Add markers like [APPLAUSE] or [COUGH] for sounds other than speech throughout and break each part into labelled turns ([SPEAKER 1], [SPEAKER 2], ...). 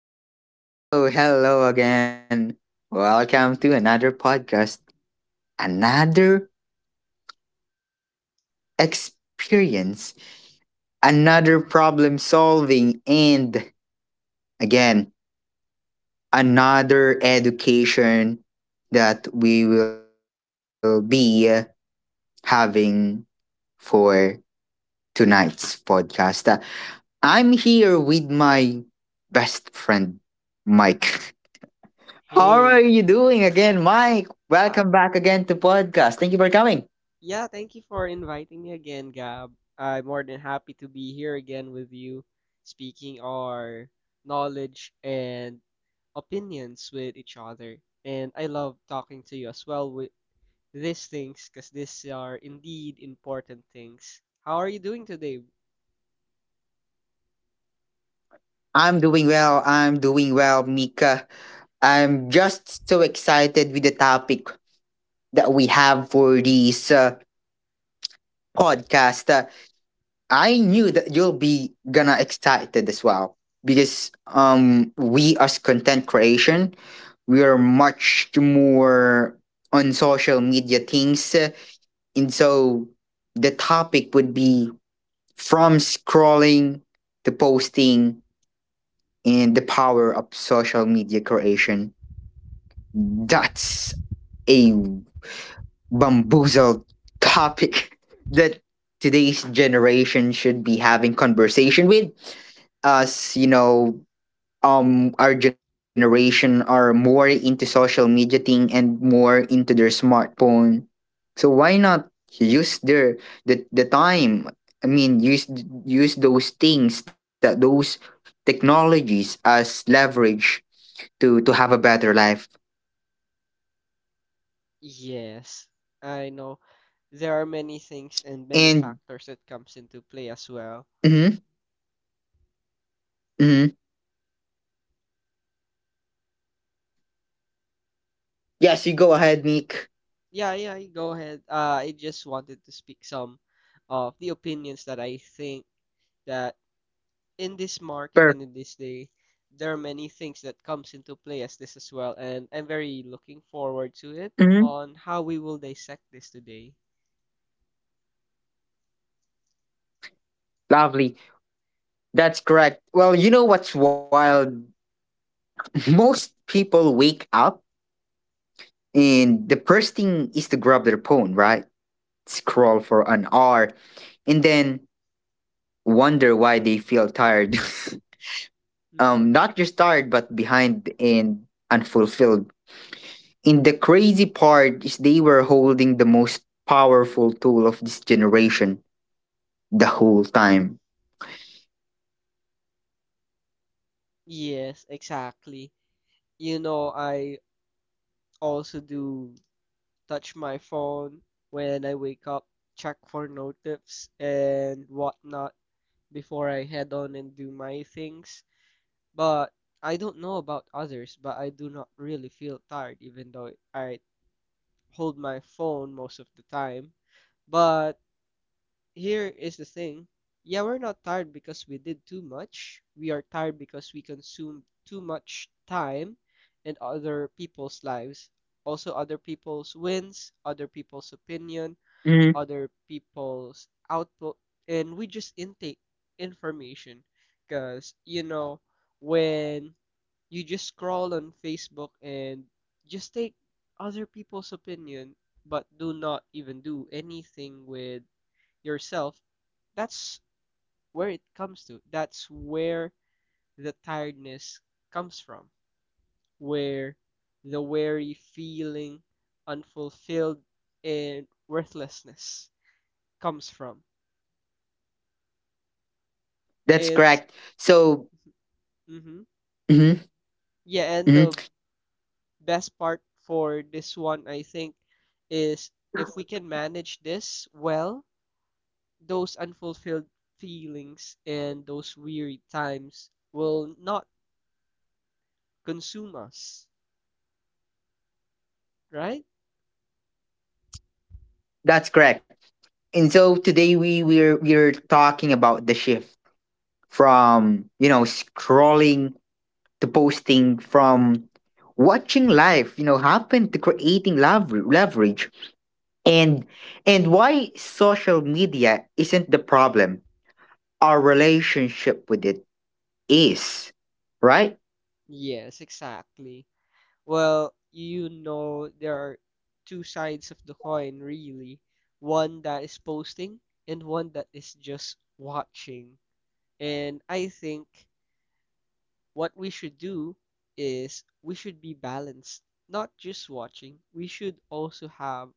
[SPEAKER 1] Hello, hello, hello again. Welcome to another podcast, another experience, another problem solving, and again, another education that we will be having for tonight's podcast. I'm here with my best friend, Mike. How are
[SPEAKER 2] Hey,
[SPEAKER 1] you doing again, Mike?
[SPEAKER 2] uh,
[SPEAKER 1] Welcome back again to podcast. Thank you for coming.
[SPEAKER 2] yeah, thank you for inviting me again, Gab. I'm more than happy to be here again with you, speaking our knowledge and opinions with each other. And I love talking to you as well with these things, because these are indeed important things. How are you doing today?
[SPEAKER 1] I'm doing well. I'm doing well, Mika. I'm just so excited with the topic that we have for this podcast. I knew that you'll be gonna excited as well because we as content creation, we are much more on social media things, and so the topic would be from scrolling to posting and the power of social media creation. That's a bamboozled topic [LAUGHS] that today's generation should be having conversation with us, you know, our generation are more into social media thing and more into their smartphone, so why not use the time, I mean use those things, that those technologies as leverage to have a better life.
[SPEAKER 2] Yes, I know there are many things and
[SPEAKER 1] And,
[SPEAKER 2] many factors that comes into play as well.
[SPEAKER 1] hmm hmm yes, you go ahead, Nick.
[SPEAKER 2] Yeah, yeah, you go ahead. I just wanted to speak some of the opinions that I think that in this market
[SPEAKER 1] Perfect.
[SPEAKER 2] and in this day, there are many things that comes into play as this as well, and I'm very looking forward to it
[SPEAKER 1] Per Mhm.
[SPEAKER 2] on how we will dissect this today.
[SPEAKER 1] Lovely. That's correct. Well, you know what's wild. [LAUGHS] Most people wake up, and the first thing is to grab their phone, right? Scroll for an hour and then wonder why they feel tired. [LAUGHS]
[SPEAKER 2] Mm-hmm.
[SPEAKER 1] Not just tired, but behind and unfulfilled. And the crazy part is they were holding the most powerful tool of this generation the whole time.
[SPEAKER 2] Yes, exactly. You know, I also do touch my phone when I wake up, check for notifs and whatnot before I head on and do my things. But I don't know about others, but I do not really feel tired, even though I hold my phone most of the time. But here is the thing. Yeah, we're not tired because we did too much. We are tired because we consumed too much time in other people's lives. Also, other people's wins, other people's opinion,
[SPEAKER 1] Mhm.
[SPEAKER 2] other people's output, and we just intake information. Because, you know, when you just scroll on Facebook and just take other people's opinion, but do not even do anything with yourself. That's where it comes to. That's where the tiredness comes from, where the weary feeling unfulfilled and worthlessness comes from.
[SPEAKER 1] That's
[SPEAKER 2] It's
[SPEAKER 1] correct. So,
[SPEAKER 2] mm-hmm.
[SPEAKER 1] mhm,
[SPEAKER 2] Yeah, and
[SPEAKER 1] mhm.
[SPEAKER 2] the best part for this one, I think, is if we can manage this well, those unfulfilled feelings and those weary times will not consume us, right?
[SPEAKER 1] That's correct. And so today we're talking about the shift, from scrolling to posting, from watching life happen to creating, leverage, and and why social media isn't the problem, our relationship with it is, right?
[SPEAKER 2] Yes, exactly. Well, you know, there are two sides of the coin, really. One that is posting and one that is just watching. And I think what we should do is we should be balanced, not just watching. We should also have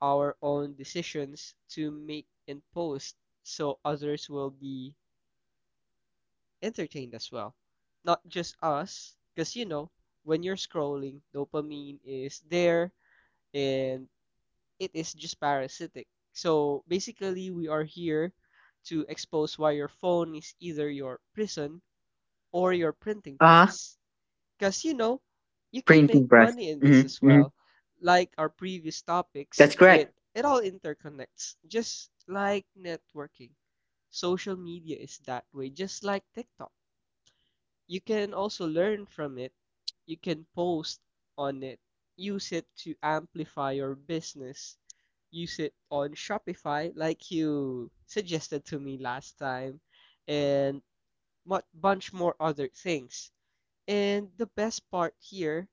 [SPEAKER 2] our own decisions to make and post so others will be entertained as well. Not just us, because you know, when you're scrolling, dopamine is there and it is just parasitic. So basically, we are here to expose why your phone is either your prison or your printing
[SPEAKER 1] uh
[SPEAKER 2] press. Because, you know, you can make
[SPEAKER 1] Printing press.
[SPEAKER 2] money in this
[SPEAKER 1] hmm
[SPEAKER 2] as
[SPEAKER 1] hmm
[SPEAKER 2] well. Like our previous
[SPEAKER 1] that's
[SPEAKER 2] topics,
[SPEAKER 1] correct.
[SPEAKER 2] it all interconnects, just like networking. Social media is that way, just like TikTok. You can also learn from it. You can post on it. Use it to amplify your business. Use it on Shopify, like you suggested to me last time, and much bunch more other things. And the best part here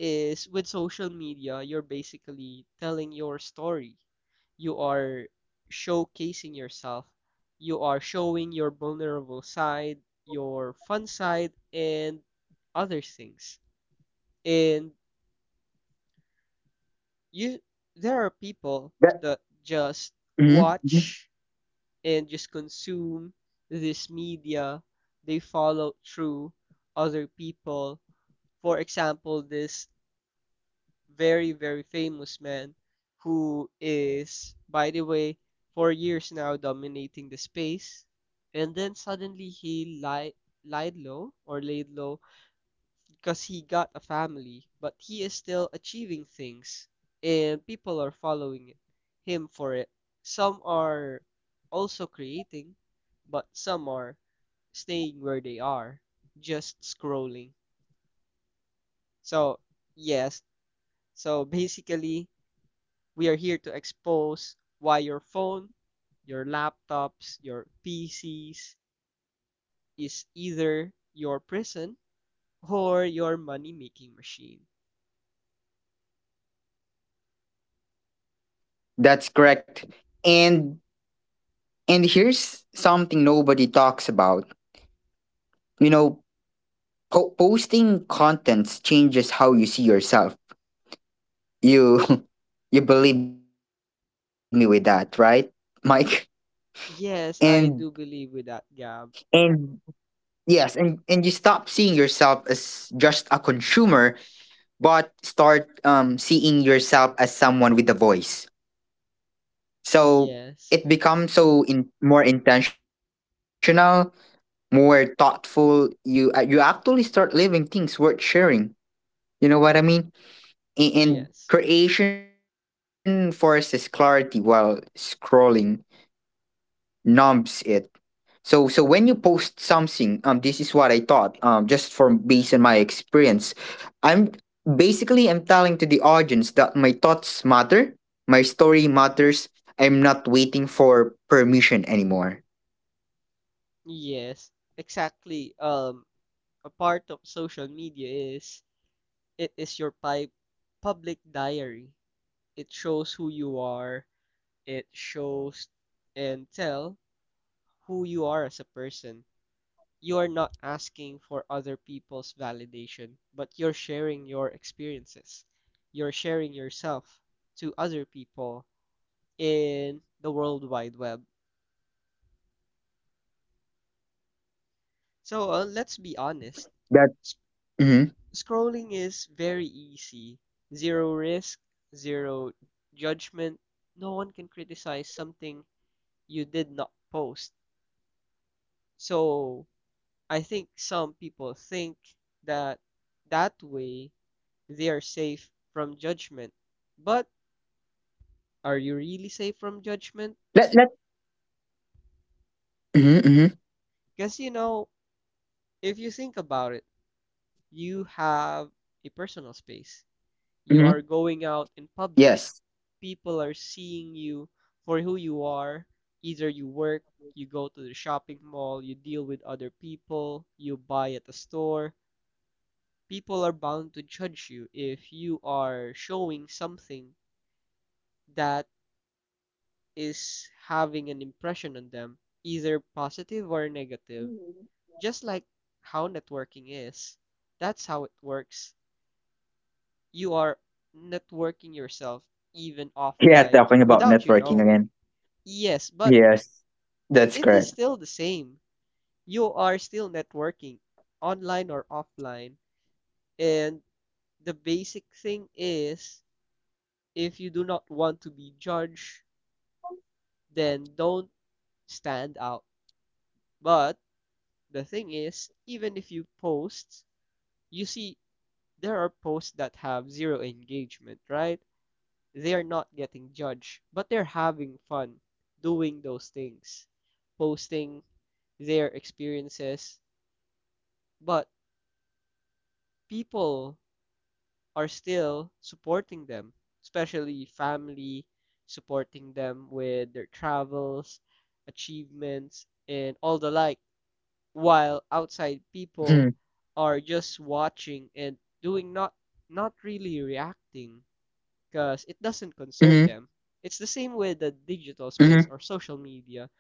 [SPEAKER 2] is with social media, you're basically telling your story. You are showcasing yourself. You are showing your vulnerable side, your fun side, and other things. And you, there are people
[SPEAKER 1] that,
[SPEAKER 2] that just
[SPEAKER 1] mhm, mhm.
[SPEAKER 2] watch and just consume this media. They follow through other people. For example, this very, very famous man who is, by the way, for years now dominating the space. And then suddenly he li lied low or laid low because he got a family, but he is still achieving things and people are him for it. Some are also creating, but some are staying where they are, just scrolling. So, yes, so basically we are here to expose why your phone, your laptops, your PCs is either your prison or your money making machine.
[SPEAKER 1] That's correct. And and here's something nobody talks about, you know posting contents changes how you see yourself. You [LAUGHS] You believe me with that, right, Mike? And
[SPEAKER 2] Yes, I do believe with that, Gab.
[SPEAKER 1] and yes, and you stop seeing yourself as just a consumer, but start seeing yourself as someone with a voice. So
[SPEAKER 2] Yes,
[SPEAKER 1] it becomes so in more intentional, more thoughtful. You actually start living things worth sharing. You know what I mean? And
[SPEAKER 2] yes,
[SPEAKER 1] creation forces clarity while scrolling numbs it. So when you post something, this is what I thought. Just from based on my experience, I'm basically I'm telling to the audience that my thoughts matter, my story matters. I'm not waiting for permission anymore.
[SPEAKER 2] yes, exactly. A part of social media is it is your public diary. It shows who you are. It shows and tell who you are as a person. You are not asking for other people's validation, but you're sharing your experiences. You're sharing yourself to other people in the World Wide Web. So let's be honest. S-
[SPEAKER 1] That Mm-hmm.
[SPEAKER 2] Scrolling is very easy. Zero risk, zero judgment. No one can criticize something you did not post. So I think some people think that that way they are safe from judgment. But are you really safe from judgment?
[SPEAKER 1] let let Mm-hmm, mm-hmm,
[SPEAKER 2] Because, you know, if you think about it, you have a personal space. You are
[SPEAKER 1] mm-hmm.
[SPEAKER 2] going out in public.
[SPEAKER 1] Yes,
[SPEAKER 2] People are seeing you for who you are. Either you work, you go to the shopping mall, you deal with other people, you buy at the store. People are bound to judge you if you are showing something that is having an impression on them, either positive or negative, just like how networking is. That's how it works. You are networking yourself even
[SPEAKER 1] yeah,
[SPEAKER 2] offline
[SPEAKER 1] talking about
[SPEAKER 2] without you
[SPEAKER 1] networking
[SPEAKER 2] knowing.
[SPEAKER 1] again.
[SPEAKER 2] Yes, but
[SPEAKER 1] Yes, that's
[SPEAKER 2] it is
[SPEAKER 1] correct.
[SPEAKER 2] still the same. You are still networking online or offline. And the basic thing is if you do not want to be judged, then don't stand out. But the thing is, even if you post, you see there are posts that have zero engagement, right? They are not getting judged, but they're having fun doing those things, posting their experiences, but people are still supporting them, especially family, supporting them with their travels, achievements, and all the like. While outside people are just watching and doing not really reacting because it doesn't concern them.
[SPEAKER 1] Mm-hmm.
[SPEAKER 2] It's the same with the digital space or
[SPEAKER 1] Hmm.
[SPEAKER 2] social media.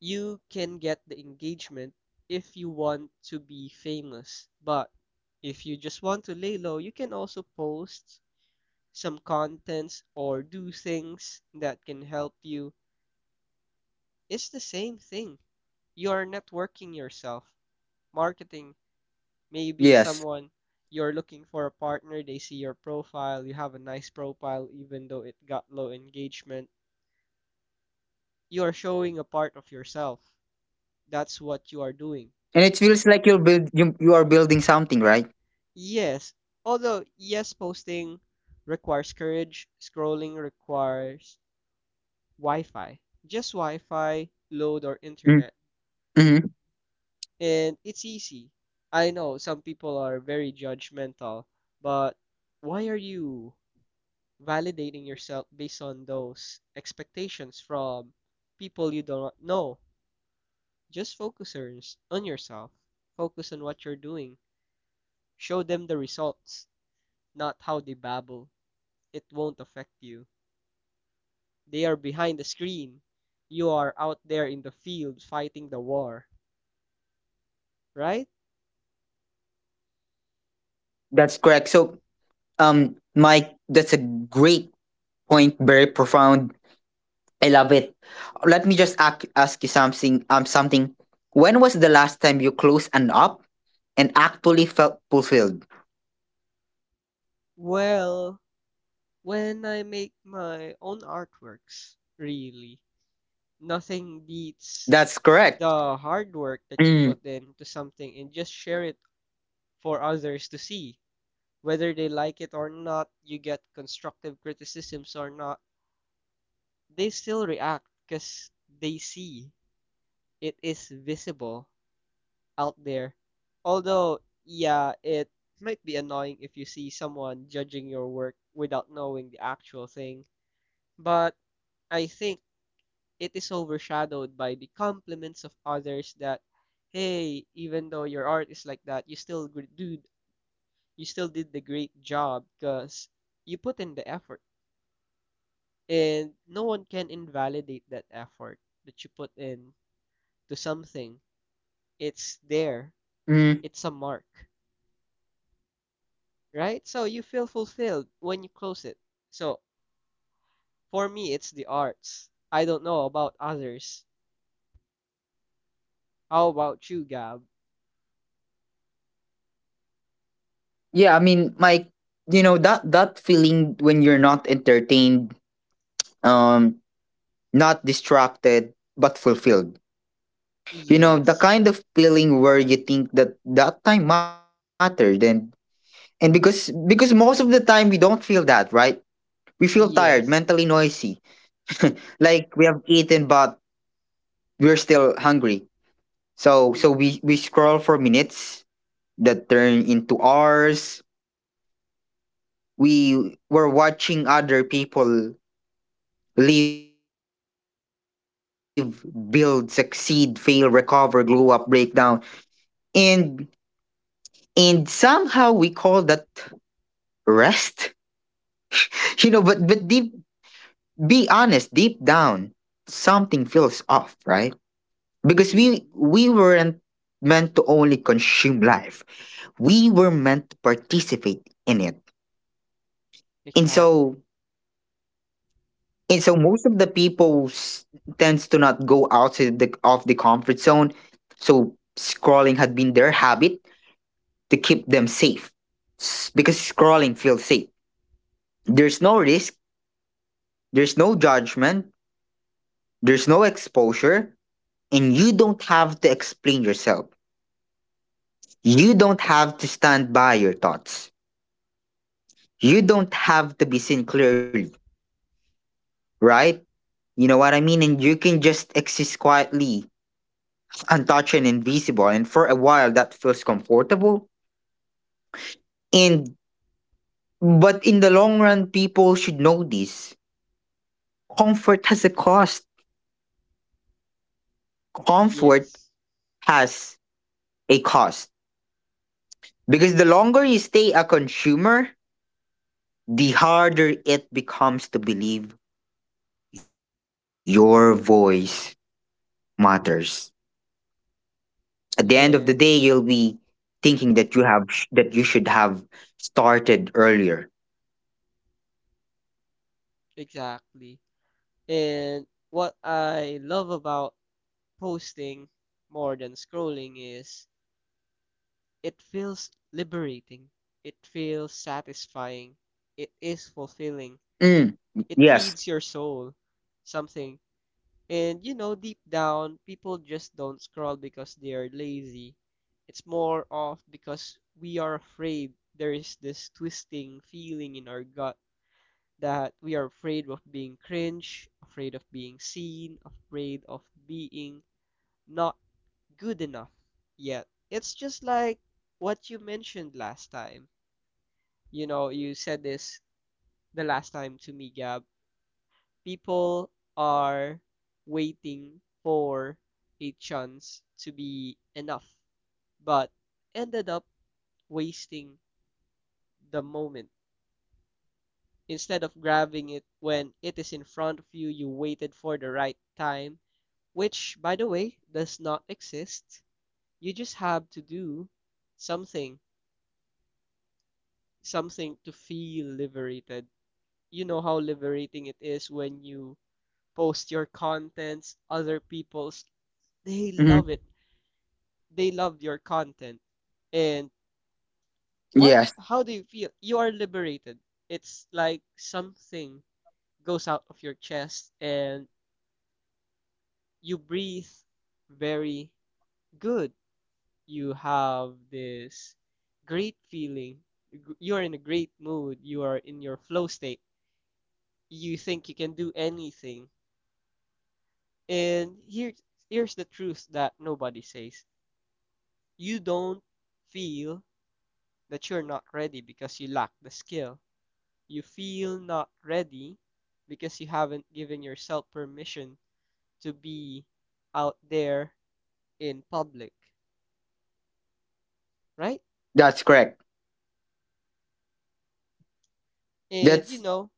[SPEAKER 2] You can get the engagement if you want to be famous, but if you just want to lay low, you can also post some contents or do things that can help you. It's the same thing. You are networking yourself, marketing. Maybe
[SPEAKER 1] Yes,
[SPEAKER 2] someone you're looking for a partner, they see your profile, you have a nice profile, even though it got low engagement. You are showing a part of yourself. That's what you are doing.
[SPEAKER 1] and it feels like you are building something, right?
[SPEAKER 2] Yes, although, yes, posting requires courage, scrolling requires Wi Fi. Just Wi Fi, load, or internet.
[SPEAKER 1] Mm-hmm.
[SPEAKER 2] And it's easy. I know some people are very judgmental, but why are you validating yourself based on those expectations from people you don't know. Just focus on yourself. Focus on what you're doing. Show them the results, not how they babble. It won't affect you. They are behind the screen. You are out there in the field fighting the war, right?
[SPEAKER 1] That's correct. So, Mike, that's a great point. Very profound. I love it. Let me just ask you something. Something. When was the last time you closed an app and actually felt fulfilled?
[SPEAKER 2] Well, when I make my own artworks, really, nothing beats
[SPEAKER 1] That's correct.
[SPEAKER 2] the hard work that you put
[SPEAKER 1] Mm,
[SPEAKER 2] into something and just share it for others to see. Whether they like it or not, you get constructive criticisms or not, they still react because they see it is visible out there. Although, yeah, it might be annoying if you see someone judging your work without knowing the actual thing, but I think it is overshadowed by the compliments of others that, hey, even though your art is like that, you still did the great job because you put in the effort and no one can invalidate that effort that you put in to something. It's there. It's a
[SPEAKER 1] mm.
[SPEAKER 2] mark, right? So you feel fulfilled when you close it. So for me, it's the arts. I don't know about others. How about you, Gab?
[SPEAKER 1] Yeah, I mean, Mike, you know that feeling when you're not entertained, um, not distracted, but fulfilled. You know the
[SPEAKER 2] Yes.
[SPEAKER 1] kind of feeling where you think that that time mattered. And because most of the time we don't feel that, right? We feel tired, mentally
[SPEAKER 2] Yes.
[SPEAKER 1] noisy. [LAUGHS] Like we have eaten, but we're still hungry. So
[SPEAKER 2] Mm-hmm.
[SPEAKER 1] we scroll for minutes that turn into hours. We were watching other people live, build, succeed, fail, recover, glow up, break down. And and somehow we call that rest. [LAUGHS] you know, but deep be honest, deep down, something feels off, right? Because we weren't
[SPEAKER 2] Mm-hmm.
[SPEAKER 1] meant to only consume life. We were meant to participate in it. And so
[SPEAKER 2] Exactly.
[SPEAKER 1] and so most of the people tends to not go outside the of the comfort zone. So scrolling had been their habit to keep them safe. Because scrolling feels safe. There's no risk, there's no judgment, there's no exposure, and you don't have to explain yourself. You don't have to stand by your thoughts. You don't have to be seen clearly, right? You know what I mean? And you can just exist quietly, untouched and invisible. And for a while, that feels comfortable. And but in the long run, people should know this. Comfort has a cost. Comfort
[SPEAKER 2] Yes.
[SPEAKER 1] has a cost. Because the longer you stay a consumer, the harder it becomes to believe your voice matters. At the end of the day,
[SPEAKER 2] Yes.
[SPEAKER 1] you'll be thinking that you should have started earlier.
[SPEAKER 2] Exactly. And what I love about posting more than scrolling is it feels liberating, it feels satisfying, it is fulfilling,
[SPEAKER 1] Mm,
[SPEAKER 2] it
[SPEAKER 1] yes.
[SPEAKER 2] feeds your soul something. And you know, deep down, people just don't scroll because they are lazy. It's more of because we are afraid there is this twisting feeling in our gut that we are afraid of being cringe, afraid of being seen, afraid of being not good enough yet. It's just like what you mentioned last time. You know, you said this the last time to me, Gab. People are waiting for a chance to be enough, but ended up wasting the moment. Instead of grabbing it when it is in front of you, you waited for the right time, which, by the way, does not exist. You just have to do something something to feel liberated. You know how liberating it is when you post your contents, other people's, they
[SPEAKER 1] Mhm.
[SPEAKER 2] love it. They love your content. And what,
[SPEAKER 1] Yes,
[SPEAKER 2] how do you feel? You are liberated. It's like something goes out of your chest and you breathe very good. You have this great feeling. You're in a great mood. You are in your flow state. You think you can do anything. And here's the truth that nobody says. You don't feel that you're not ready because you lack the skill. You feel not ready because you haven't given yourself permission to be out there in public, right?
[SPEAKER 1] that's correct.
[SPEAKER 2] And you
[SPEAKER 1] That's
[SPEAKER 2] know,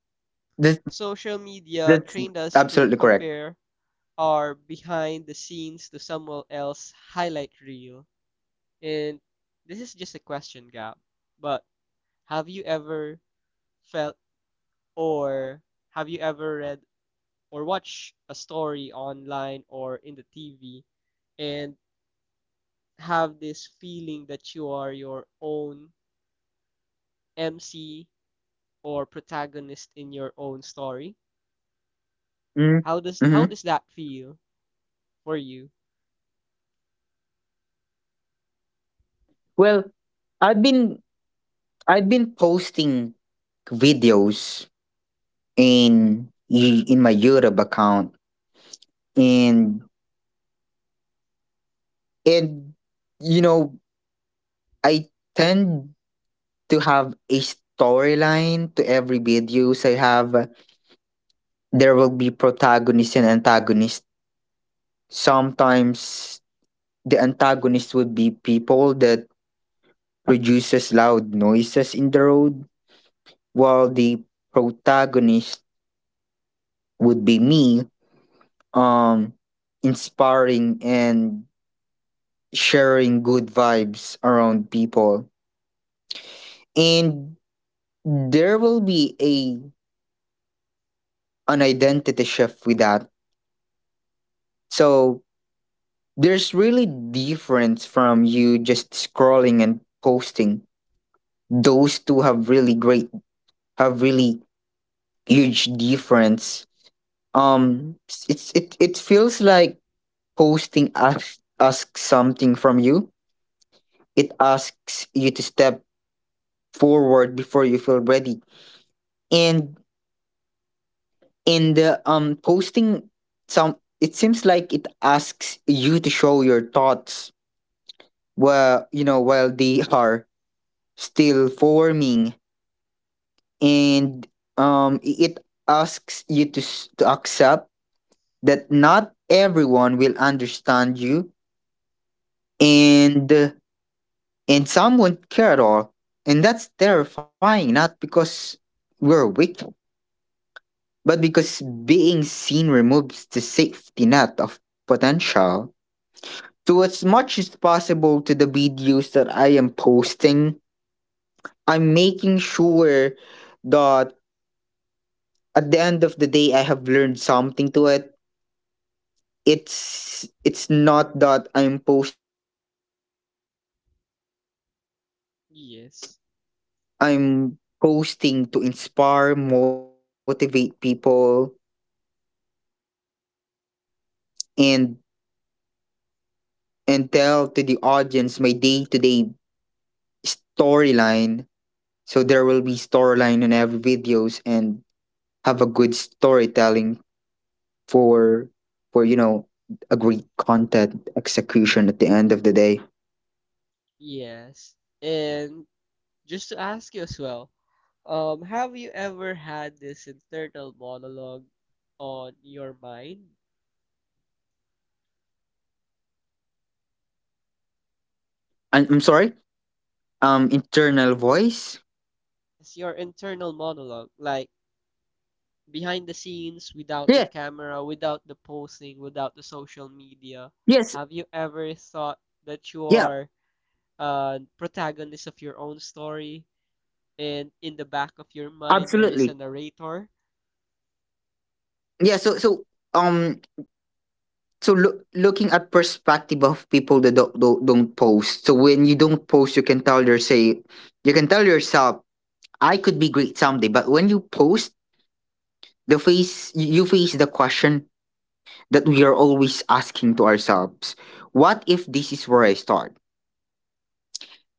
[SPEAKER 1] that's
[SPEAKER 2] social media
[SPEAKER 1] absolutely
[SPEAKER 2] trained
[SPEAKER 1] correct.
[SPEAKER 2] us to compare our behind the scenes to someone else's highlight reel. And this is just a question, Gab. But have you ever felt, or have you ever read or watched a story online or in the TV and have this feeling that you are your own MC or protagonist in your own story?
[SPEAKER 1] Mm,
[SPEAKER 2] How
[SPEAKER 1] mhm.
[SPEAKER 2] does that feel for you?
[SPEAKER 1] Well, I've been I've been posting videos in my YouTube account, and and you know I tend to have a storyline to every videos I have. There will be protagonists and antagonists. Sometimes the antagonist would be people that produces loud noises in the road, while the protagonist would be me, um, inspiring and sharing good vibes around people. And there will be a an identity shift with that. So there's really difference from you just scrolling and posting. Those two have really huge difference. It feels like posting asks something from you. It asks you to step forward before you feel ready. And in the posting, some it seems like it asks you to show your thoughts, well, while they are still forming, and it asks you to accept that not everyone will understand you, and uh, and some won't care at all, and that's terrifying. Not because we're weak, but because being seen removes the safety net of potential. So as much as possible to the videos that I am posting, I'm making sure that at the end of the day I have learned something to it. It's not that I'm posting without purpose, and
[SPEAKER 2] Yes.
[SPEAKER 1] I'm posting to inspire, motivate people, and and tell to the audience my day-to-day storyline. So there will be storyline in every videos and have a good storytelling for for a great content execution at the end of the day.
[SPEAKER 2] Yes. And just to ask you as well, have you ever had this internal monologue on your mind?
[SPEAKER 1] I'm sorry. Internal voice.
[SPEAKER 2] It's your internal monologue, like behind the scenes, without the
[SPEAKER 1] Yeah.
[SPEAKER 2] camera, without the posting, without the social media,
[SPEAKER 1] Yes.
[SPEAKER 2] have you ever thought that you
[SPEAKER 1] Yeah.
[SPEAKER 2] are a protagonist of your own story and in the back of your mind there is a
[SPEAKER 1] Absolutely.
[SPEAKER 2] narrator?
[SPEAKER 1] Yeah. Um so looking at perspective of people that don't post. So when you don't post, you can tell yourself, I could be great someday. But when you post, the face you you face the question that we are always asking to ourselves, what if this is where I start?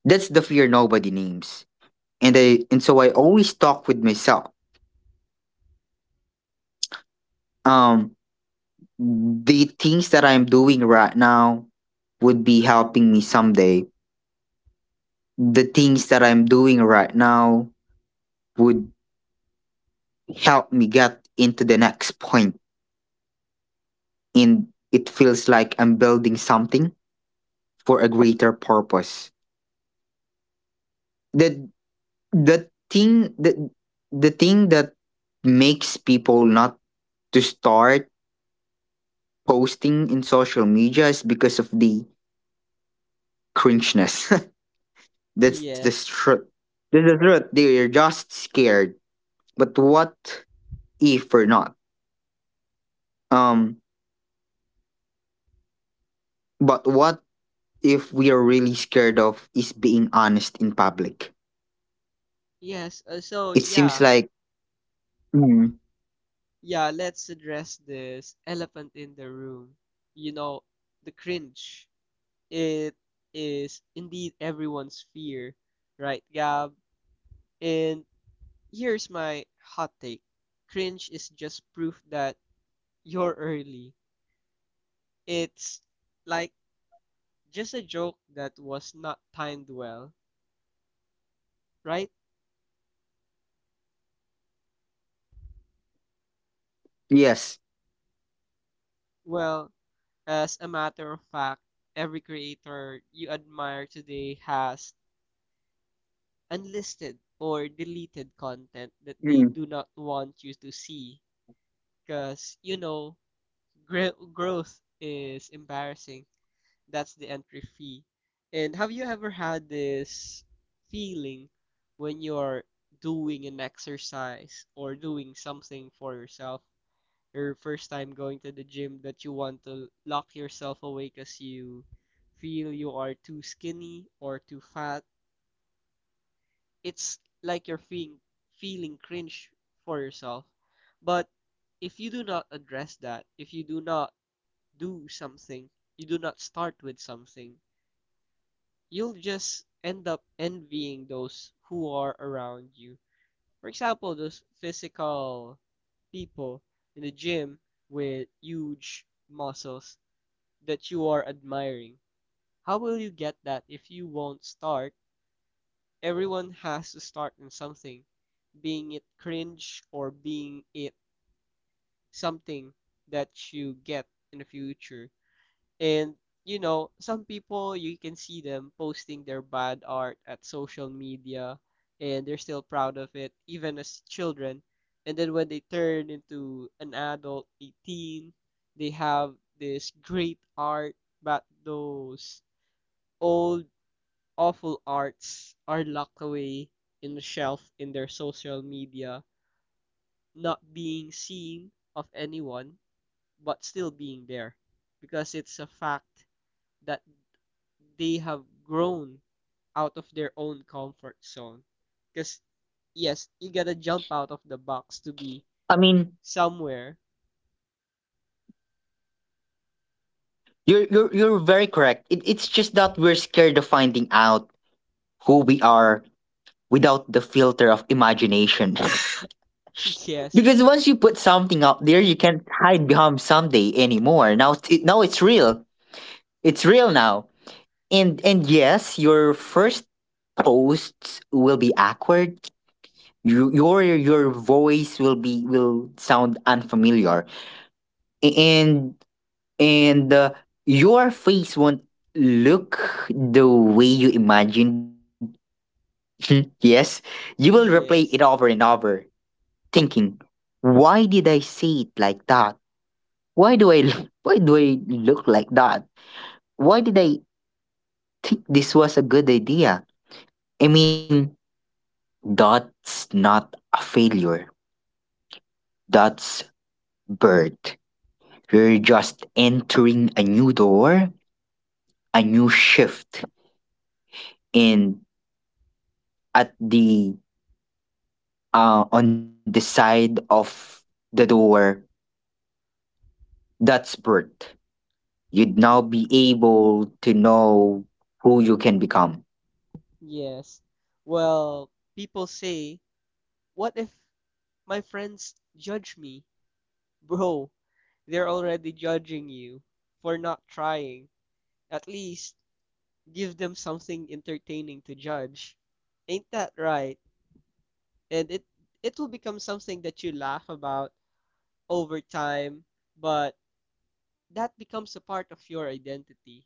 [SPEAKER 1] That's the fear nobody names. And so I always talk with myself. Um the things that I'm doing right now would be helping me someday. The things that I'm doing right now would help me get into the next point. And it feels like I'm building something for a greater purpose. The the thing the the thing that makes people not to start posting in social media is because of the cringeness. [LAUGHS] That's the
[SPEAKER 2] Yes.
[SPEAKER 1] truth. That's the truth. They're just scared. But what if we're not? Um, but what if we are really scared of is being honest in public?
[SPEAKER 2] Yes.
[SPEAKER 1] It seems
[SPEAKER 2] Yeah.
[SPEAKER 1] like. Mm,
[SPEAKER 2] Yeah, let's address this elephant in the room. You know, the cringe. It is indeed everyone's fear, right, Gab? And here's my hot take. Cringe is just proof that you're early. It's like just a joke that was not timed well, right?
[SPEAKER 1] yes.
[SPEAKER 2] Well, as a matter of fact, every creator you admire today has unlisted or deleted content that they
[SPEAKER 1] Mm.
[SPEAKER 2] do not want you to see because, you know, growth is embarrassing. That's the entry fee. And have you ever had this feeling when you're doing an exercise or doing something for yourself, your first time going to the gym, that you want to lock yourself away because you feel you are too skinny or too fat? It's like you're feeling cringe for yourself. But if you do not address that, if you do not do something, you do not start with something, you'll just end up envying those who are around you. For example, those physical people in the gym with huge muscles that you are admiring. How will you get that if you won't start? Everyone has to start in something, being it cringe or being it something that you get in the future. And you know, some people you can see them posting their bad art at social media and they're still proud of it, even as children. And then when they turn into an adult, 18, they have this great art, but those old, awful arts are locked away in the shelf in their social media, not being seen of anyone, but still being there because it's a fact that they have grown out of their own comfort zone. Because, yes, you gotta jump out of the box to be
[SPEAKER 1] I mean,
[SPEAKER 2] somewhere.
[SPEAKER 1] you're very correct. It's just that we're scared of finding out who we are without the filter of imagination. [LAUGHS]
[SPEAKER 2] [LAUGHS] Yes,
[SPEAKER 1] Because once you put something out there, you can't hide behind someday anymore. Now it's real. It's real now. And yes, your first posts will be awkward. Your voice will sound unfamiliar, A- and Your face won't look the way you imagined. [LAUGHS] Yes, you will replay it over
[SPEAKER 2] yes,
[SPEAKER 1] and over, thinking, "Why did I say it like that?" Why do I look- [LAUGHS] why do I look like that? Why did I think this was a good idea? I mean, that's not a failure. That's birth. You're just entering a new door, a new shift, and at the on the side of the door, that's birth. You'd now
[SPEAKER 2] y-
[SPEAKER 1] be able to know who you can become.
[SPEAKER 2] yes. Well, people say, what if my friends judge me? Bro, they're already judging you for not trying. At least give them something entertaining to judge. Ain't that right? And it will become something that you laugh about over time, but that becomes a part of your identity.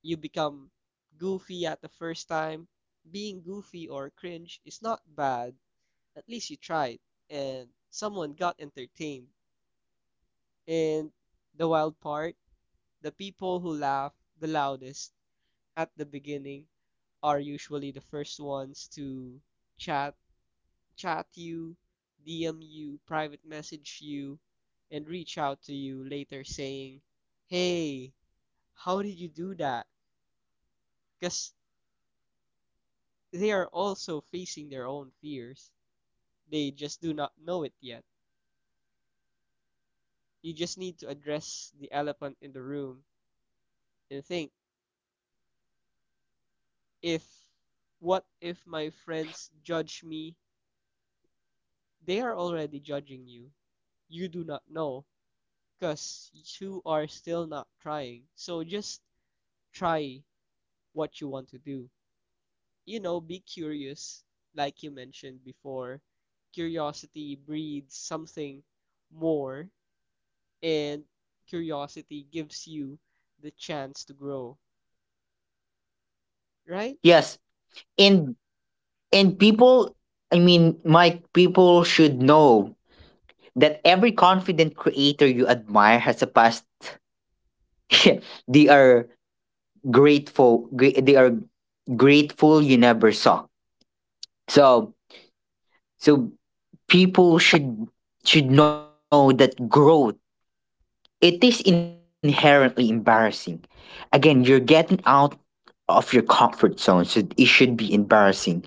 [SPEAKER 2] You become goofy at the first time. Being goofy or cringe is not bad. At least you tried, and someone got entertained. And the wild part, the people who laugh the loudest at the beginning are usually the first ones to chat chat you, DM you, private message you, and reach out to you later saying, "Hey, how did you do that? Because they are also facing their own fears. They just do not know it yet. You just need to address the elephant in the room and think if what if my friends judge me? They are already judging you. You do not know because you are still not trying. So just try what you want to do. You know, be curious, like you mentioned before. Curiosity breeds something more and curiosity gives you the chance to grow, right?
[SPEAKER 1] Yes, and And people, I mean, Mike, people should know that every confident creator you admire has a past. [LAUGHS] They are grateful. They are grateful you never saw. So, so, people should know that growth it is inherently embarrassing. Again, you're getting out of your comfort zone, so it should be embarrassing.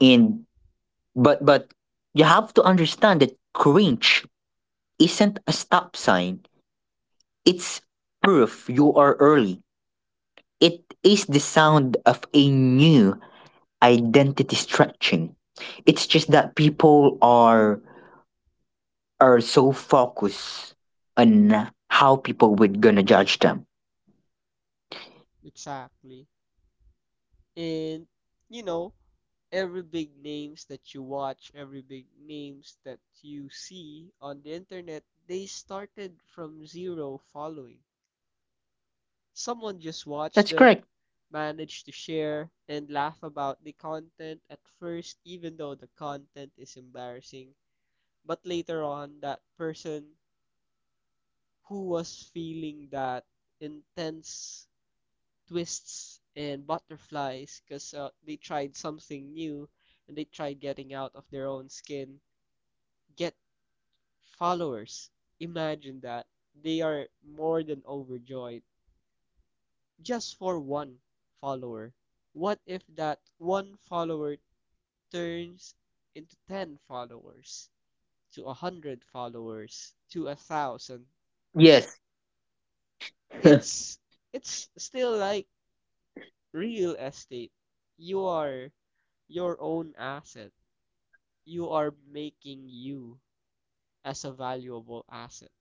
[SPEAKER 1] And but you have to understand that cringe isn't a stop sign, it's proof you are early. It is the sound of a new identity stretching. It's just that people are so focused on how people would gonna judge them.
[SPEAKER 2] Exactly. And you know, every big names that you watch, every big names that you see on the internet, they started from zero following. Someone
[SPEAKER 1] That's
[SPEAKER 2] just
[SPEAKER 1] correct.
[SPEAKER 2] watched them, managed to share, and laugh about the content at first, even though the content is embarrassing. But later on, that person who was feeling that intense twists and butterflies because they tried something new and they tried getting out of their own skin, get followers. Imagine that. They are more than overjoyed just for one follower. What if that one follower turns into 10 followers, to a 100 followers, to a 1,000?
[SPEAKER 1] Yes, [LAUGHS]
[SPEAKER 2] It's it's still like real estate. You are your own asset. You are making you as a valuable asset.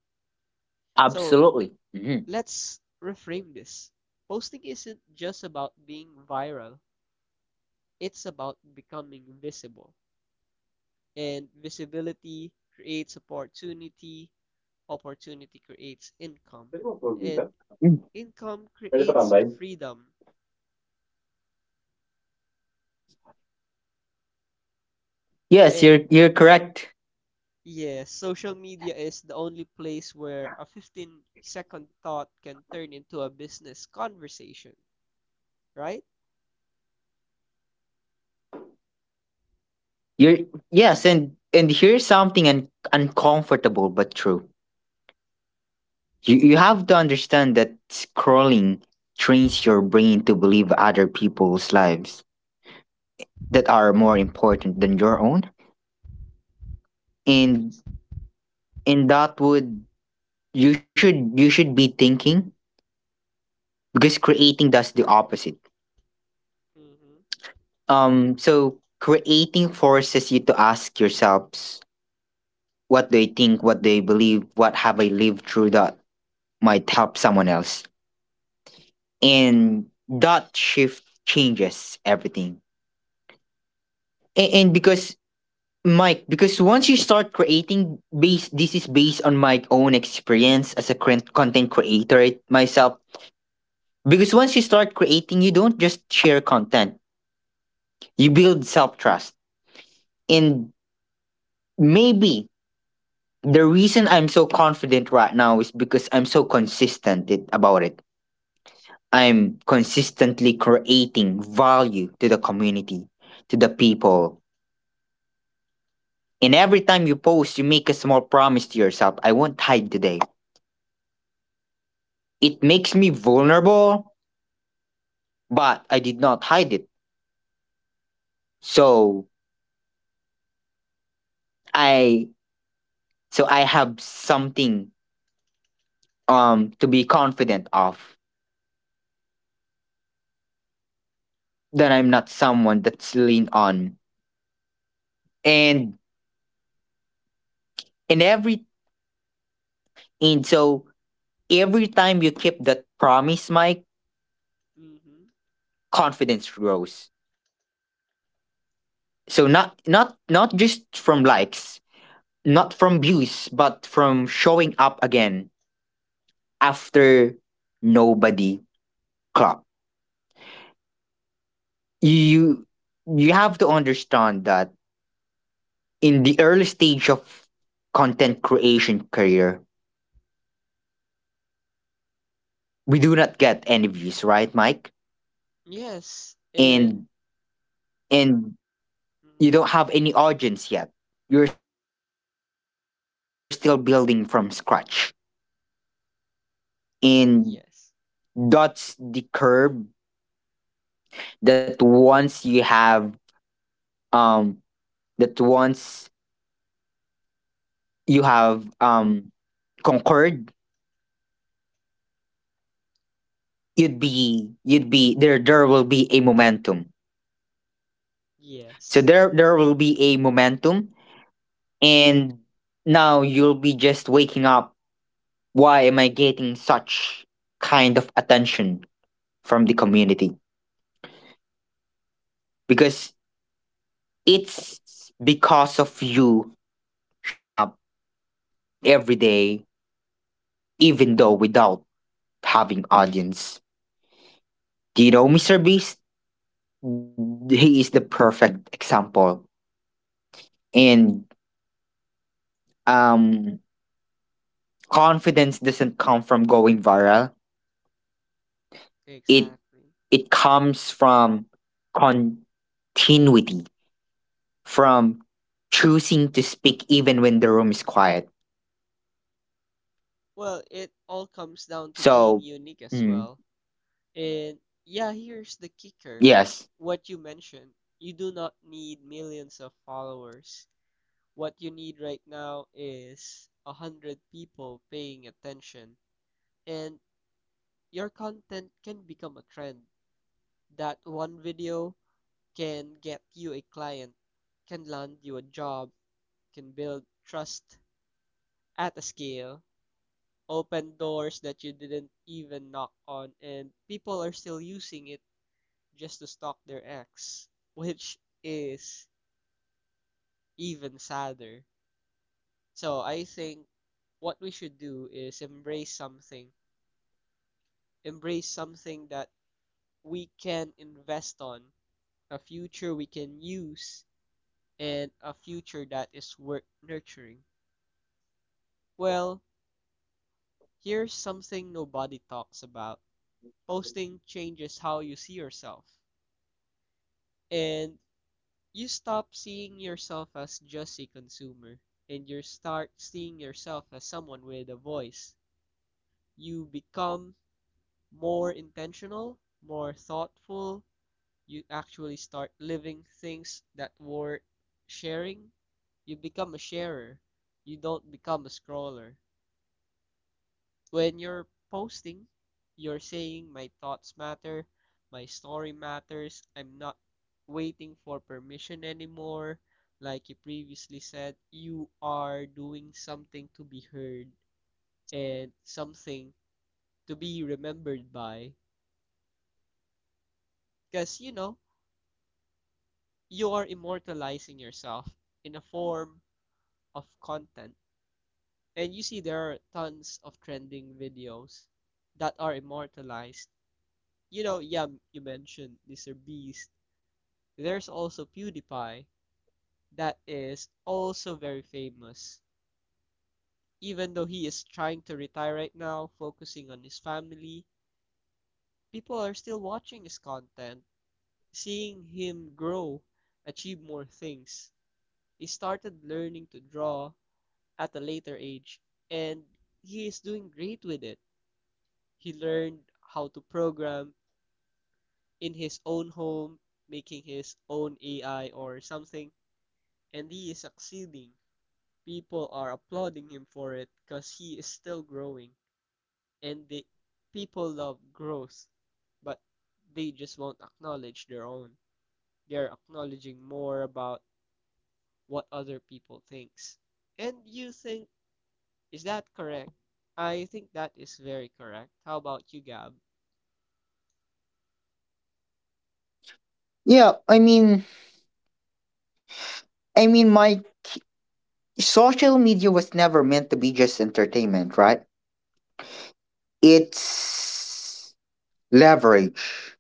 [SPEAKER 2] So
[SPEAKER 1] absolutely. Mhm.
[SPEAKER 2] let's reframe this. Posting isn't just about being viral, it's about becoming visible. And visibility creates opportunity, opportunity creates income, and
[SPEAKER 1] Mm.
[SPEAKER 2] income creates freedom,
[SPEAKER 1] Yes, you're
[SPEAKER 2] and
[SPEAKER 1] you're correct.
[SPEAKER 2] yes, social media is the only place where a 15-second thought can turn into a business conversation, right?
[SPEAKER 1] You're Yes, and here's something uncomfortable but true. You have to understand that scrolling trains your brain to believe other people's lives that are more important than your own. And
[SPEAKER 2] Ex-
[SPEAKER 1] and that would you should be thinking because creating does the opposite.
[SPEAKER 2] Mm-hmm.
[SPEAKER 1] So creating forces you to ask yourselves what do I think, what do I believe, what have I lived through that might help someone else. And that shift changes everything. And because Mike, because once you start creating based this is based on my own experience as a content creator myself, because once you start creating you don't just share content, you build self-trust. And maybe the reason I'm so confident right now is because I'm so consistent about it. I'm consistently creating value to the community, to the people. And every time you post you make a small promise to yourself: I won't hide today. It makes me vulnerable, but I did not hide it. So I, so I have something to be confident of, that I'm not someone that's lean on. And in every, and so every time you keep that promise, Mike,
[SPEAKER 2] Mm-hmm.
[SPEAKER 1] confidence grows. So not just from likes, not from views, but from showing up again after nobody clocked. You you have to understand that in the early stage of content creation career, we do not get any views, right, Mike?
[SPEAKER 2] Yes, and
[SPEAKER 1] And and you
[SPEAKER 2] mhm,
[SPEAKER 1] don't have any audience yet. You're still building from scratch. And that's the
[SPEAKER 2] yes,
[SPEAKER 1] curve that once you have um that once you have um conquered, you'd be there, there will be a momentum. So
[SPEAKER 2] yes,
[SPEAKER 1] there will be a momentum, and now you'll be just waking up: why am I getting such kind of attention from the community? Because it's because of you showing up every day even though without having audience. Do you know Mr. Beast? He is the perfect example. And um confidence doesn't come from going viral, it
[SPEAKER 2] exactly.
[SPEAKER 1] it comes from continuity, from choosing to speak even when the room is quiet.
[SPEAKER 2] Well, it all comes down to being
[SPEAKER 1] So,
[SPEAKER 2] unique as
[SPEAKER 1] mm,
[SPEAKER 2] well. And yeah, here's the kicker.
[SPEAKER 1] yes.
[SPEAKER 2] What you mentioned, you do not need millions of followers. What you need right now is a hundred people paying attention, and your content can become a trend. That one video can get you a client, can land you a job, can build trust at a scale, open doors that you didn't even knock on, and people are still using it just to stalk their ex, which is even sadder. So I think what we should do is embrace something that we can invest on, a future we can use, and a future that is worth nurturing. Well, here's something nobody talks about posting changes how you see yourself, and you stop seeing yourself as just a consumer, and you start seeing yourself as someone with a voice. You become more intentional, more thoughtful, you actually start living things that were sharing. You become a sharer. You don't become a scroller. When you're posting, you're saying my thoughts matter, my story matters. I'm not waiting for permission anymore. Like you previously said, you are doing something to be heard and something to be remembered by. Because, you know, you are immortalizing yourself in a form of content and you see there are tons of trending videos that are immortalized. You know, yeah, you mentioned Mr. Beast. There's also PewDiePie that is also very famous. Even though he is trying to retire right now, focusing on his family, people are still watching his content, seeing him grow, achieve more things. He started learning to draw at a later age, and he is doing great with it. He learned how to program in his own home, making his own AI or something, and he is succeeding. People are applauding him for it because he is still growing, and the people love growth, but they just won't acknowledge their own. They're acknowledging more about what other people thinks. And you think is that correct? I think that is very correct. How about you, Gab?
[SPEAKER 1] Yeah, I mean, my social media was never meant to be just entertainment, right? It's leverage.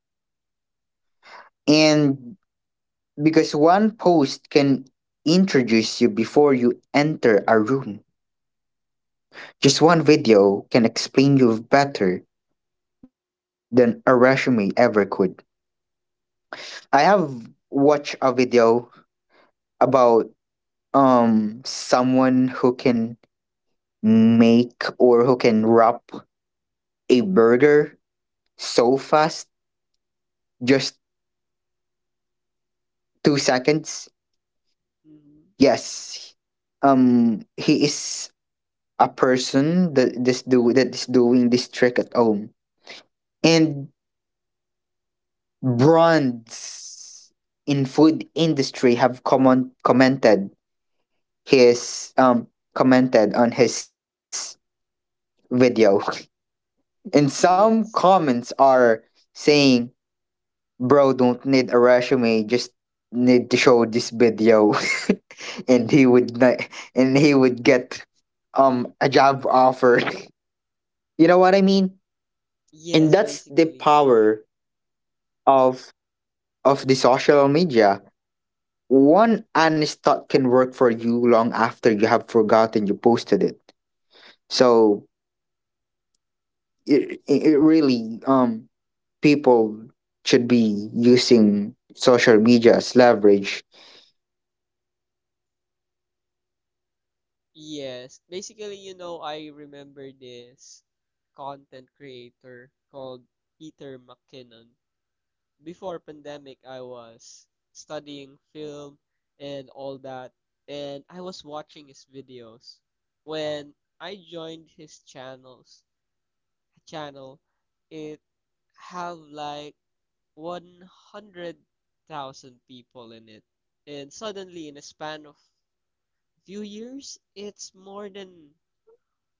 [SPEAKER 1] And because one post can introduce you before you enter a room, just one video can explain you better than a resume ever could. I have watched a video about someone who can make or who can wrap a burger so fast, just 2 seconds.
[SPEAKER 2] Mm-hmm.
[SPEAKER 1] Yes, he is a person that this do that is doing this trick at home. And brands in food industry have commented his commented on his video [LAUGHS] and some
[SPEAKER 2] Yes.
[SPEAKER 1] comments are saying, Bro, don't need a resume, just need to show this video. [LAUGHS] And he would not, and he would get a job offer. [LAUGHS] You know what I mean? And
[SPEAKER 2] Yes,
[SPEAKER 1] that's the
[SPEAKER 2] basically.
[SPEAKER 1] power of of the social media. One honest thought can work for you long after you have forgotten you posted it. So it really people should be using social media as leverage.
[SPEAKER 2] Yes, basically, you know, I remember this content creator called Peter McKinnon. Before pandemic, I was studying film and all that, and I was watching his videos. When I joined his channel, it have like 100,000 people in it. And suddenly, in a span of few years, it's more than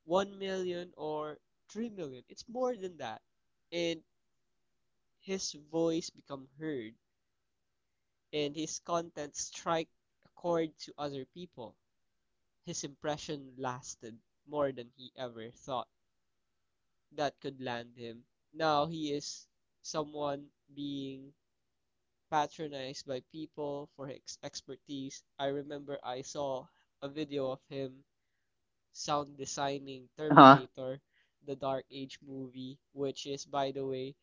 [SPEAKER 2] 1 million or 3 million. It's more than that. And his voice become heard and his content strike a chord to other people. His impression lasted more than he ever thought that could land him. Now he is someone being patronized by people for his expertise. I remember I saw a video of him sound designing
[SPEAKER 1] Uh
[SPEAKER 2] Terminator, the Dark Age movie, which is, by the way,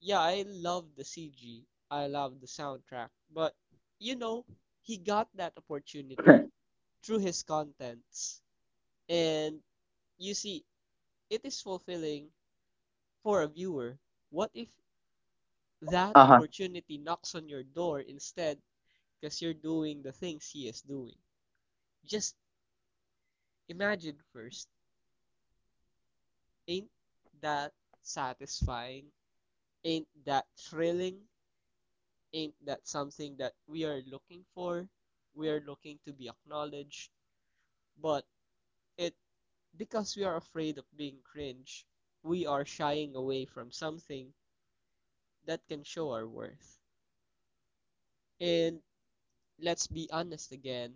[SPEAKER 2] yeah, I love the CG. I love the soundtrack. But, you know, he got that
[SPEAKER 1] huh.
[SPEAKER 2] opportunity
[SPEAKER 1] [LAUGHS]
[SPEAKER 2] through his contents. And you see, it is fulfilling for a viewer. What if that
[SPEAKER 1] Uh huh.
[SPEAKER 2] opportunity knocks on your door instead because you're doing the things he is doing? Just imagine first. Ain't that satisfying? Ain't that thrilling? Ain't that something that we are looking for? We are looking to be acknowledged, but it because we are afraid of being cringe we are shying away from something that can show our worth. And let's be honest again,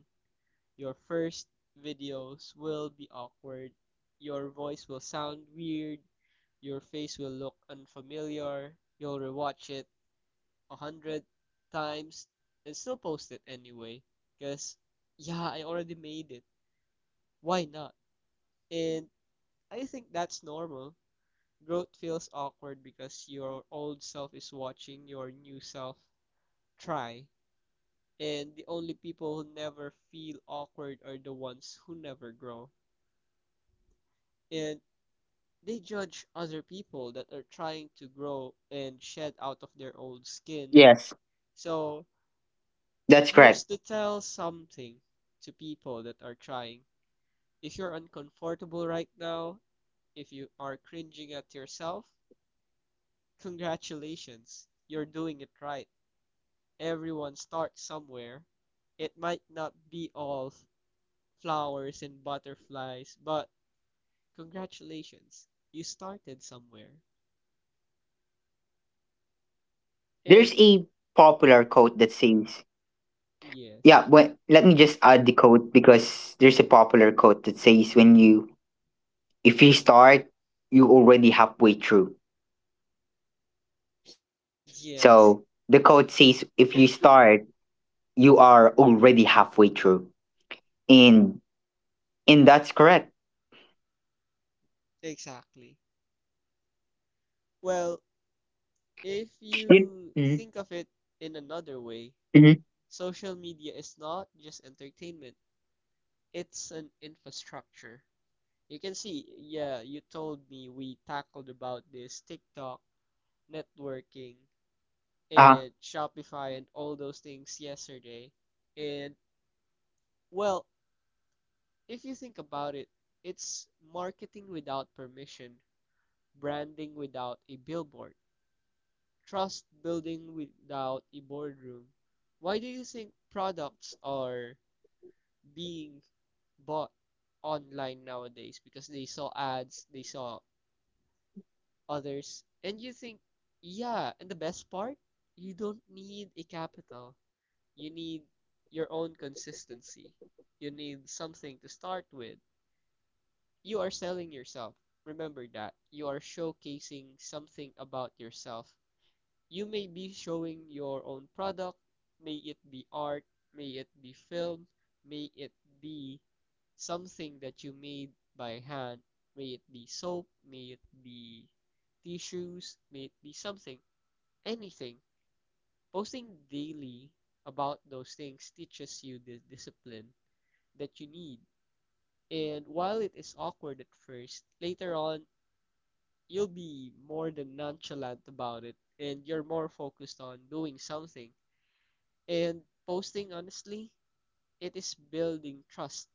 [SPEAKER 2] your first videos will be awkward, your voice will sound weird, your face will look unfamiliar, you'll rewatch it 100 times and still post it anyway. Because, yeah, I already made it. Why not? And I think that's normal. Growth feels awkward because your old self is watching your new self try. And the only people who never feel awkward are the ones who never grow. And they judge other people that are trying to grow and shed out of their old skin.
[SPEAKER 1] Yes.
[SPEAKER 2] So
[SPEAKER 1] That's
[SPEAKER 2] here's
[SPEAKER 1] correct.
[SPEAKER 2] to tell something to people that are trying. If you're uncomfortable right now, if you are cringing at yourself, congratulations, you're doing it right. Everyone starts somewhere. It might not be all flowers and butterflies, but congratulations, you started somewhere.
[SPEAKER 1] There's
[SPEAKER 2] And
[SPEAKER 1] a popular quote that says,
[SPEAKER 2] yes,
[SPEAKER 1] yeah, when, let me just add the quote because there's a popular quote that says, when you, if you start, you already halfway through. So the
[SPEAKER 2] yes,
[SPEAKER 1] quote says, if you start, you are already halfway through. And, and that's correct.
[SPEAKER 2] exactly. Well, if
[SPEAKER 1] You,
[SPEAKER 2] you
[SPEAKER 1] mm,
[SPEAKER 2] think of it in another way,
[SPEAKER 1] mm,
[SPEAKER 2] social media is not just entertainment, it's an infrastructure. You can see, yeah, you told me we tackled about this TikTok, networking,
[SPEAKER 1] uh,
[SPEAKER 2] and Shopify and all those things yesterday. And well, if you think about it, it's marketing without permission, branding without a billboard, trust building without a boardroom. Why do you think products are being bought online nowadays because they saw ads, they saw others, and you think, yeah, and the best part, you don't need a capital. You need your own consistency. You need something to start with. You are selling yourself. Remember that. You are showcasing something about yourself. You may be showing your own product, may it be art, may it be film, may it be something that you made by hand, may it be soap, may it be tissues, may it be something, anything. Posting daily about those things teaches you the discipline that you need. And while it is awkward at first, later on, you'll be more than nonchalant about it and you're more focused on doing something. And posting honestly, it is building trust.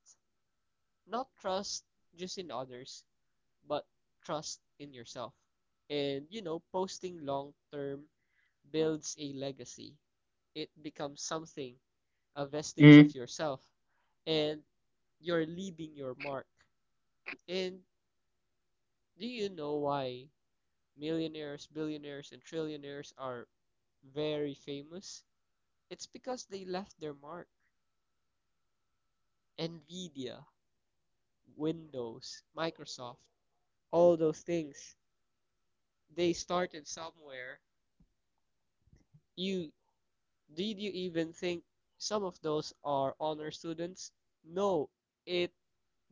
[SPEAKER 2] Not trust just in others, but trust in yourself. And you know, posting long term builds a legacy. It becomes something, a vestige
[SPEAKER 1] mm,
[SPEAKER 2] of yourself. And you're leaving your mark. And do you know why millionaires, billionaires, and trillionaires are very famous? It's because they left their mark. Nvidia, Windows, Microsoft, all those things. They started somewhere. You did you even think some of those are honor students? No, it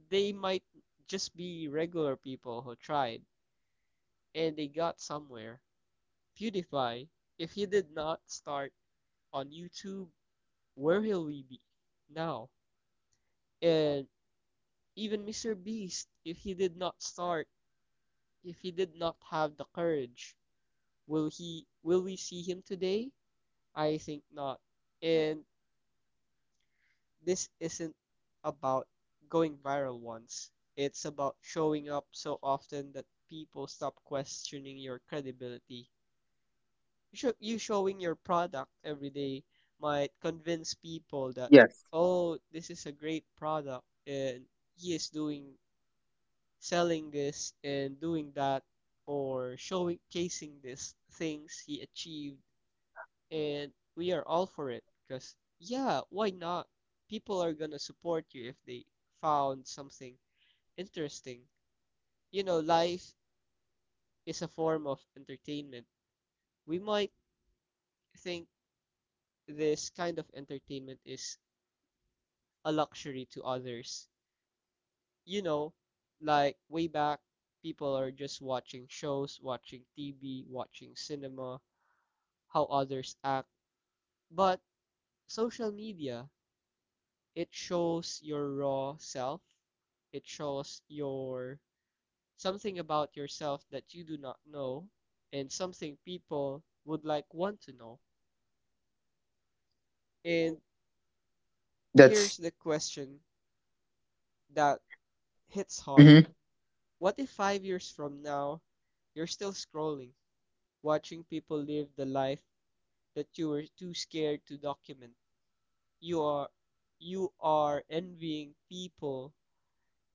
[SPEAKER 2] they might just be regular people who tried and they got somewhere. PewDiePie, if he did not start on YouTube, where will we be now? And even Mr. Beast, if he did not start, if he did not have the courage, will he, will we see him today? I think not. And this isn't about going viral once. It's about showing up so often that people stop questioning your credibility. You, showing your product every day might convince people that,
[SPEAKER 1] yes,
[SPEAKER 2] oh, this is a great product and he is doing, selling this and doing that, or showing casing these things he achieved, and we are all for it because yeah, why not? People are gonna support you if they found something interesting. You know, life is a form of entertainment. We might think this kind of entertainment is a luxury to others. You know, like way back, people are just watching shows, watching TV, watching cinema, how others act. But social media, it shows your raw self. It shows your, something about yourself that you do not know and something people would want to know. And here's
[SPEAKER 1] that's,
[SPEAKER 2] the question that hits hard.
[SPEAKER 1] mhm.
[SPEAKER 2] What if 5 years from now you're still scrolling, watching people live the life that you were too scared to document? You are, you are envying people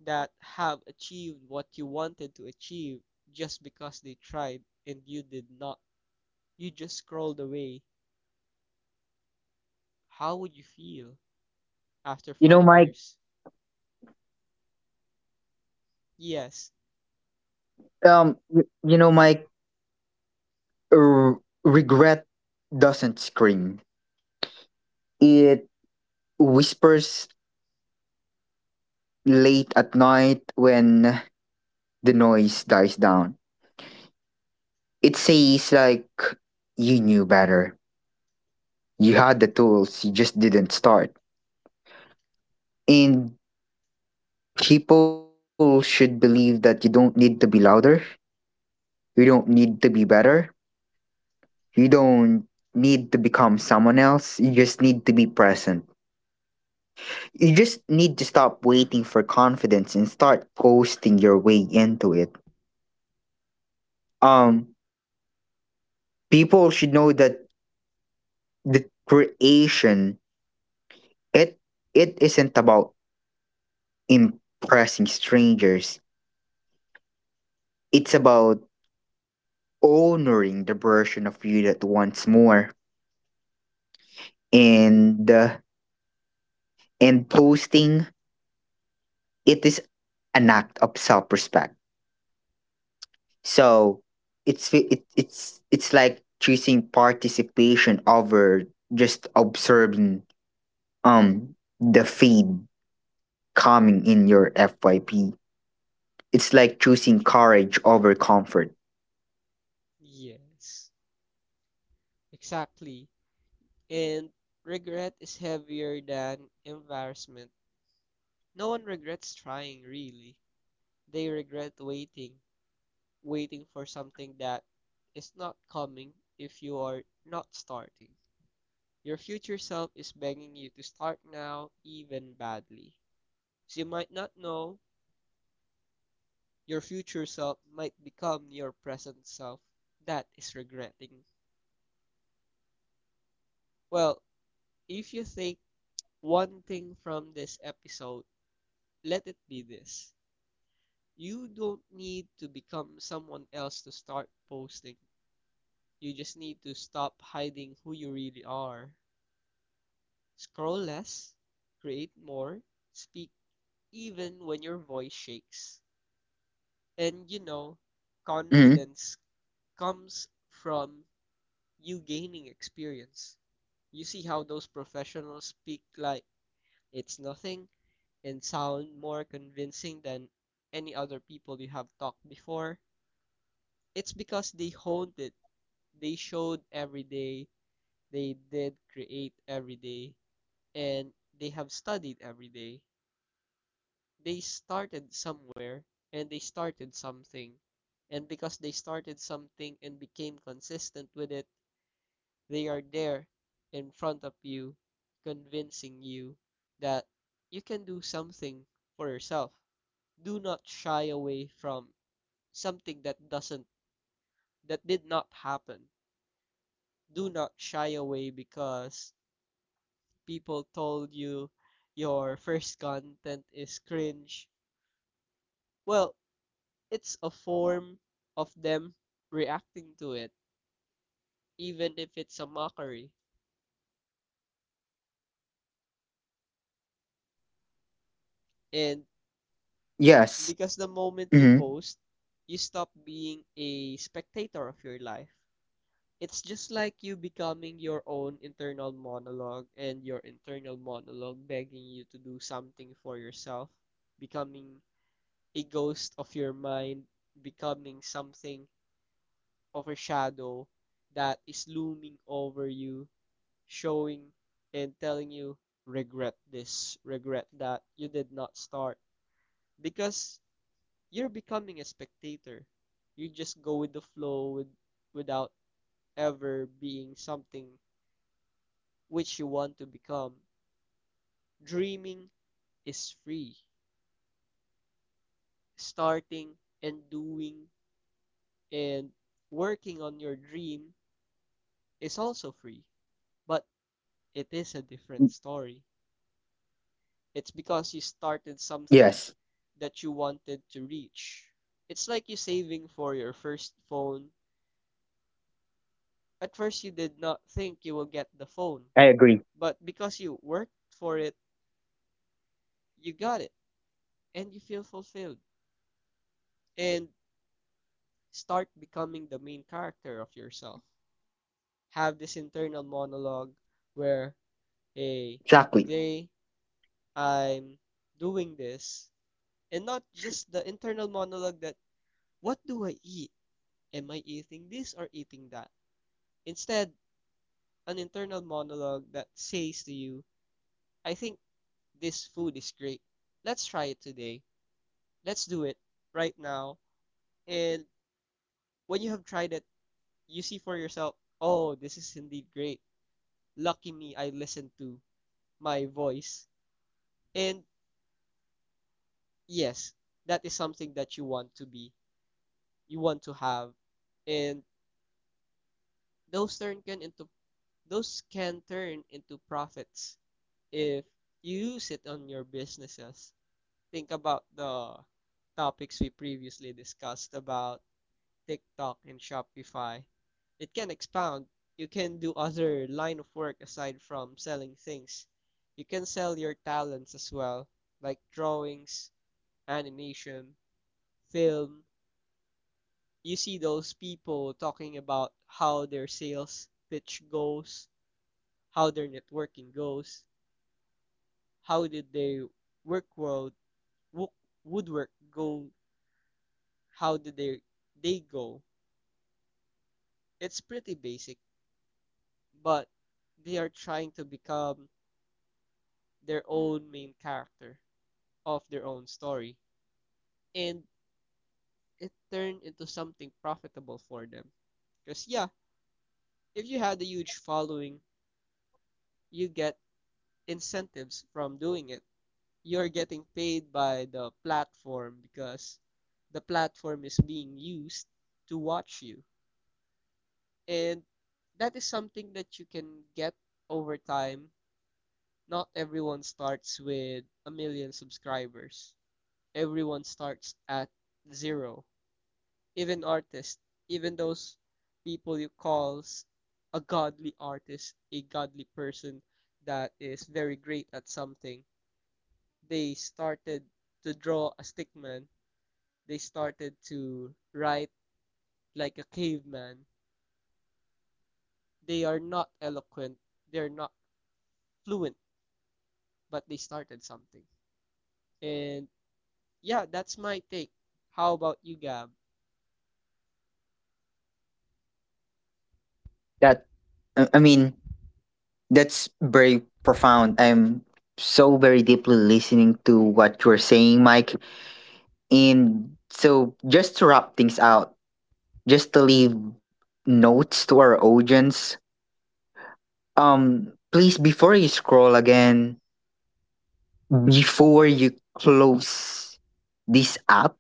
[SPEAKER 2] that have achieved what you wanted to achieve just because they tried and you did not. You just scrolled away. How would you feel after
[SPEAKER 1] You know,
[SPEAKER 2] five
[SPEAKER 1] Mike,
[SPEAKER 2] years? Yes,
[SPEAKER 1] you, you know, Mike, r- regret doesn't scream. It whispers late at night when the noise dies down. It says like, you knew better. You had the tools, you just didn't start. And people should believe that you don't need to be louder. You don't need to be better. You don't need to become someone else. You just need to be present. You just need to stop waiting for confidence and start posting your way into it. Um people should know that the creation, It it isn't about impressing strangers. It's about honoring the version of you that wants more. And uh, and posting, it is an act of self-respect. So it's it's like choosing participation over just observing the feed coming in your FYP. It's like choosing courage over comfort.
[SPEAKER 2] yes, exactly. And regret is heavier than embarrassment. No one regrets trying, really. They regret waiting, waiting for something that is not coming if you are not starting. Your future self is begging you to start now, even badly. So you might not know, your future self might become your present self. That is regretting. Well, if you take one thing from this episode, let it be this. You don't need to become someone else to start posting. You just need to stop hiding who you really are. Scroll less, create more, speak even when your voice shakes. And you know,
[SPEAKER 1] Hmm.
[SPEAKER 2] confidence comes from you gaining experience. You see how those professionals speak like it's nothing and sound more convincing than any other people you have talked before. It's because they honed it. They showed every day, they did create every day, and they have studied every day. They started somewhere and they started something. And because they started something and became consistent with it, they are there in front of you, convincing you that you can do something for yourself. Do not shy away from something that doesn't, that did not happen. Do not shy away because people told you your first content is cringe. Well, it's a form of them reacting to it, even if it's a mockery. And
[SPEAKER 1] Yes.
[SPEAKER 2] because the moment you
[SPEAKER 1] Hmm.
[SPEAKER 2] post, you stop being a spectator of your life. It's just like you becoming your own internal monologue, and your internal monologue begging you to do something for yourself, becoming a ghost of your mind, becoming something of a shadow that is looming over you, showing and telling you, regret this, regret that, you did not start because you're becoming a spectator. You just go with the flow without ever being something which you want to become. Dreaming is free. Starting and doing and working on your dream is also free, but it is a different story. It's because you started
[SPEAKER 1] Yes.
[SPEAKER 2] something that you wanted to reach. It's like you saving for your first phone. At first, you did not think you will get the phone, but because you worked for it, you got it and you feel fulfilled and start becoming the main character of yourself. Have this internal monologue where,
[SPEAKER 1] Exactly.
[SPEAKER 2] hey, today I'm doing this, and not just the internal monologue that, what do I eat? Am I eating this or eating that? Instead, an internal monologue that says to you, I think this food is great. Let's try it today. Let's do it right now. And when you have tried it, you see for yourself, oh, this is indeed great. Lucky me, I listened to my voice. And yes, that is something that you want to be, you want to have. And those turn can into those can turn into profits if you use it on your businesses. Think about the topics we previously discussed about TikTok and Shopify. It can expound. You can do other line of work aside from selling things. You can sell your talents as well, like drawings, animation, film. You see those people talking about how their sales pitch goes, how their networking goes, how did they work world wo- woodwork go? How did they go? It's pretty basic, but they are trying to become their own main character of their own story, and it turned into something profitable for them. Because yeah, if you had a huge following, you get incentives from doing it. You're getting paid by the platform because the platform is being used to watch you. And that is something that you can get over time. Not everyone starts with a million subscribers. Everyone starts at zero. Even artists, even those people you calls a godly artist, a godly person that is very great at something, they started to draw a stickman. They started to write like a caveman. They are not eloquent. They're not fluent, but they started something. And yeah, that's my take. How about you, Gab?
[SPEAKER 1] That, I mean, that's very profound. I'm so very deeply listening to what you're saying, Mike. And so just to wrap things out, just to leave notes to our audience, please, before you scroll again, before you close this app,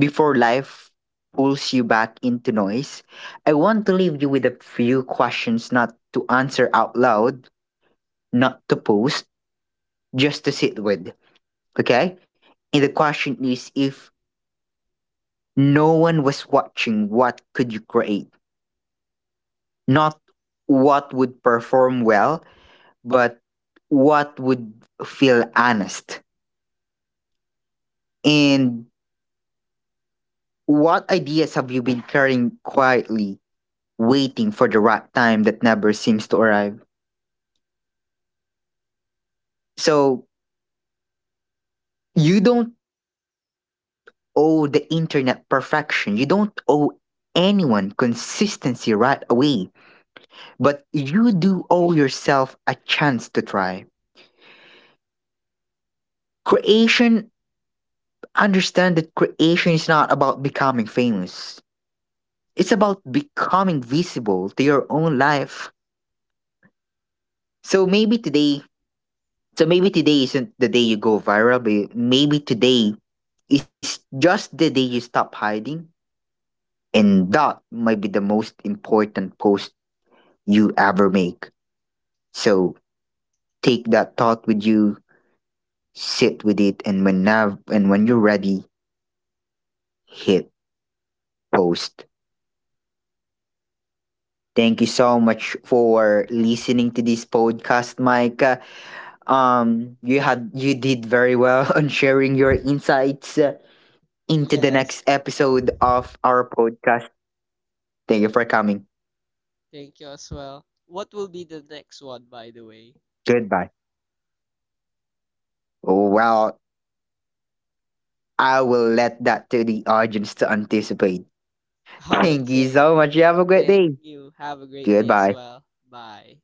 [SPEAKER 1] before life pulls you back into noise, I want to leave you with a few questions, not to answer out loud, not to post, just to sit with. Okay. And the question is, if no one was watching, what could you create? Not what would perform well, but what would feel honest. And what ideas have you been carrying quietly, waiting for the right time that never seems to arrive? So you don't owe the internet perfection. You don't owe anyone consistency right away, but you do owe yourself a chance to try. Creation, understand that creation is not about becoming famous, it's about becoming visible to your own life. So maybe today, so maybe today isn't the day you go viral, but maybe today is just the day you stop hiding, and that might be the most important post you ever make. So take that thought with you, sit with it, and when you're ready, hit post. Thank you so much for listening to this podcast, Mike. You did very well [LAUGHS] on sharing your insights, into the
[SPEAKER 2] Yes,
[SPEAKER 1] next episode of our podcast. Thank you for coming.
[SPEAKER 2] thank you as well. What will be the next one, by the way?
[SPEAKER 1] Goodbye. Well, I will let that to the audience to anticipate.
[SPEAKER 2] [LAUGHS]
[SPEAKER 1] Thank you
[SPEAKER 2] Okay,
[SPEAKER 1] so much. You have a great
[SPEAKER 2] thank
[SPEAKER 1] day.
[SPEAKER 2] you. Have a great day as
[SPEAKER 1] Goodbye.
[SPEAKER 2] well. Bye.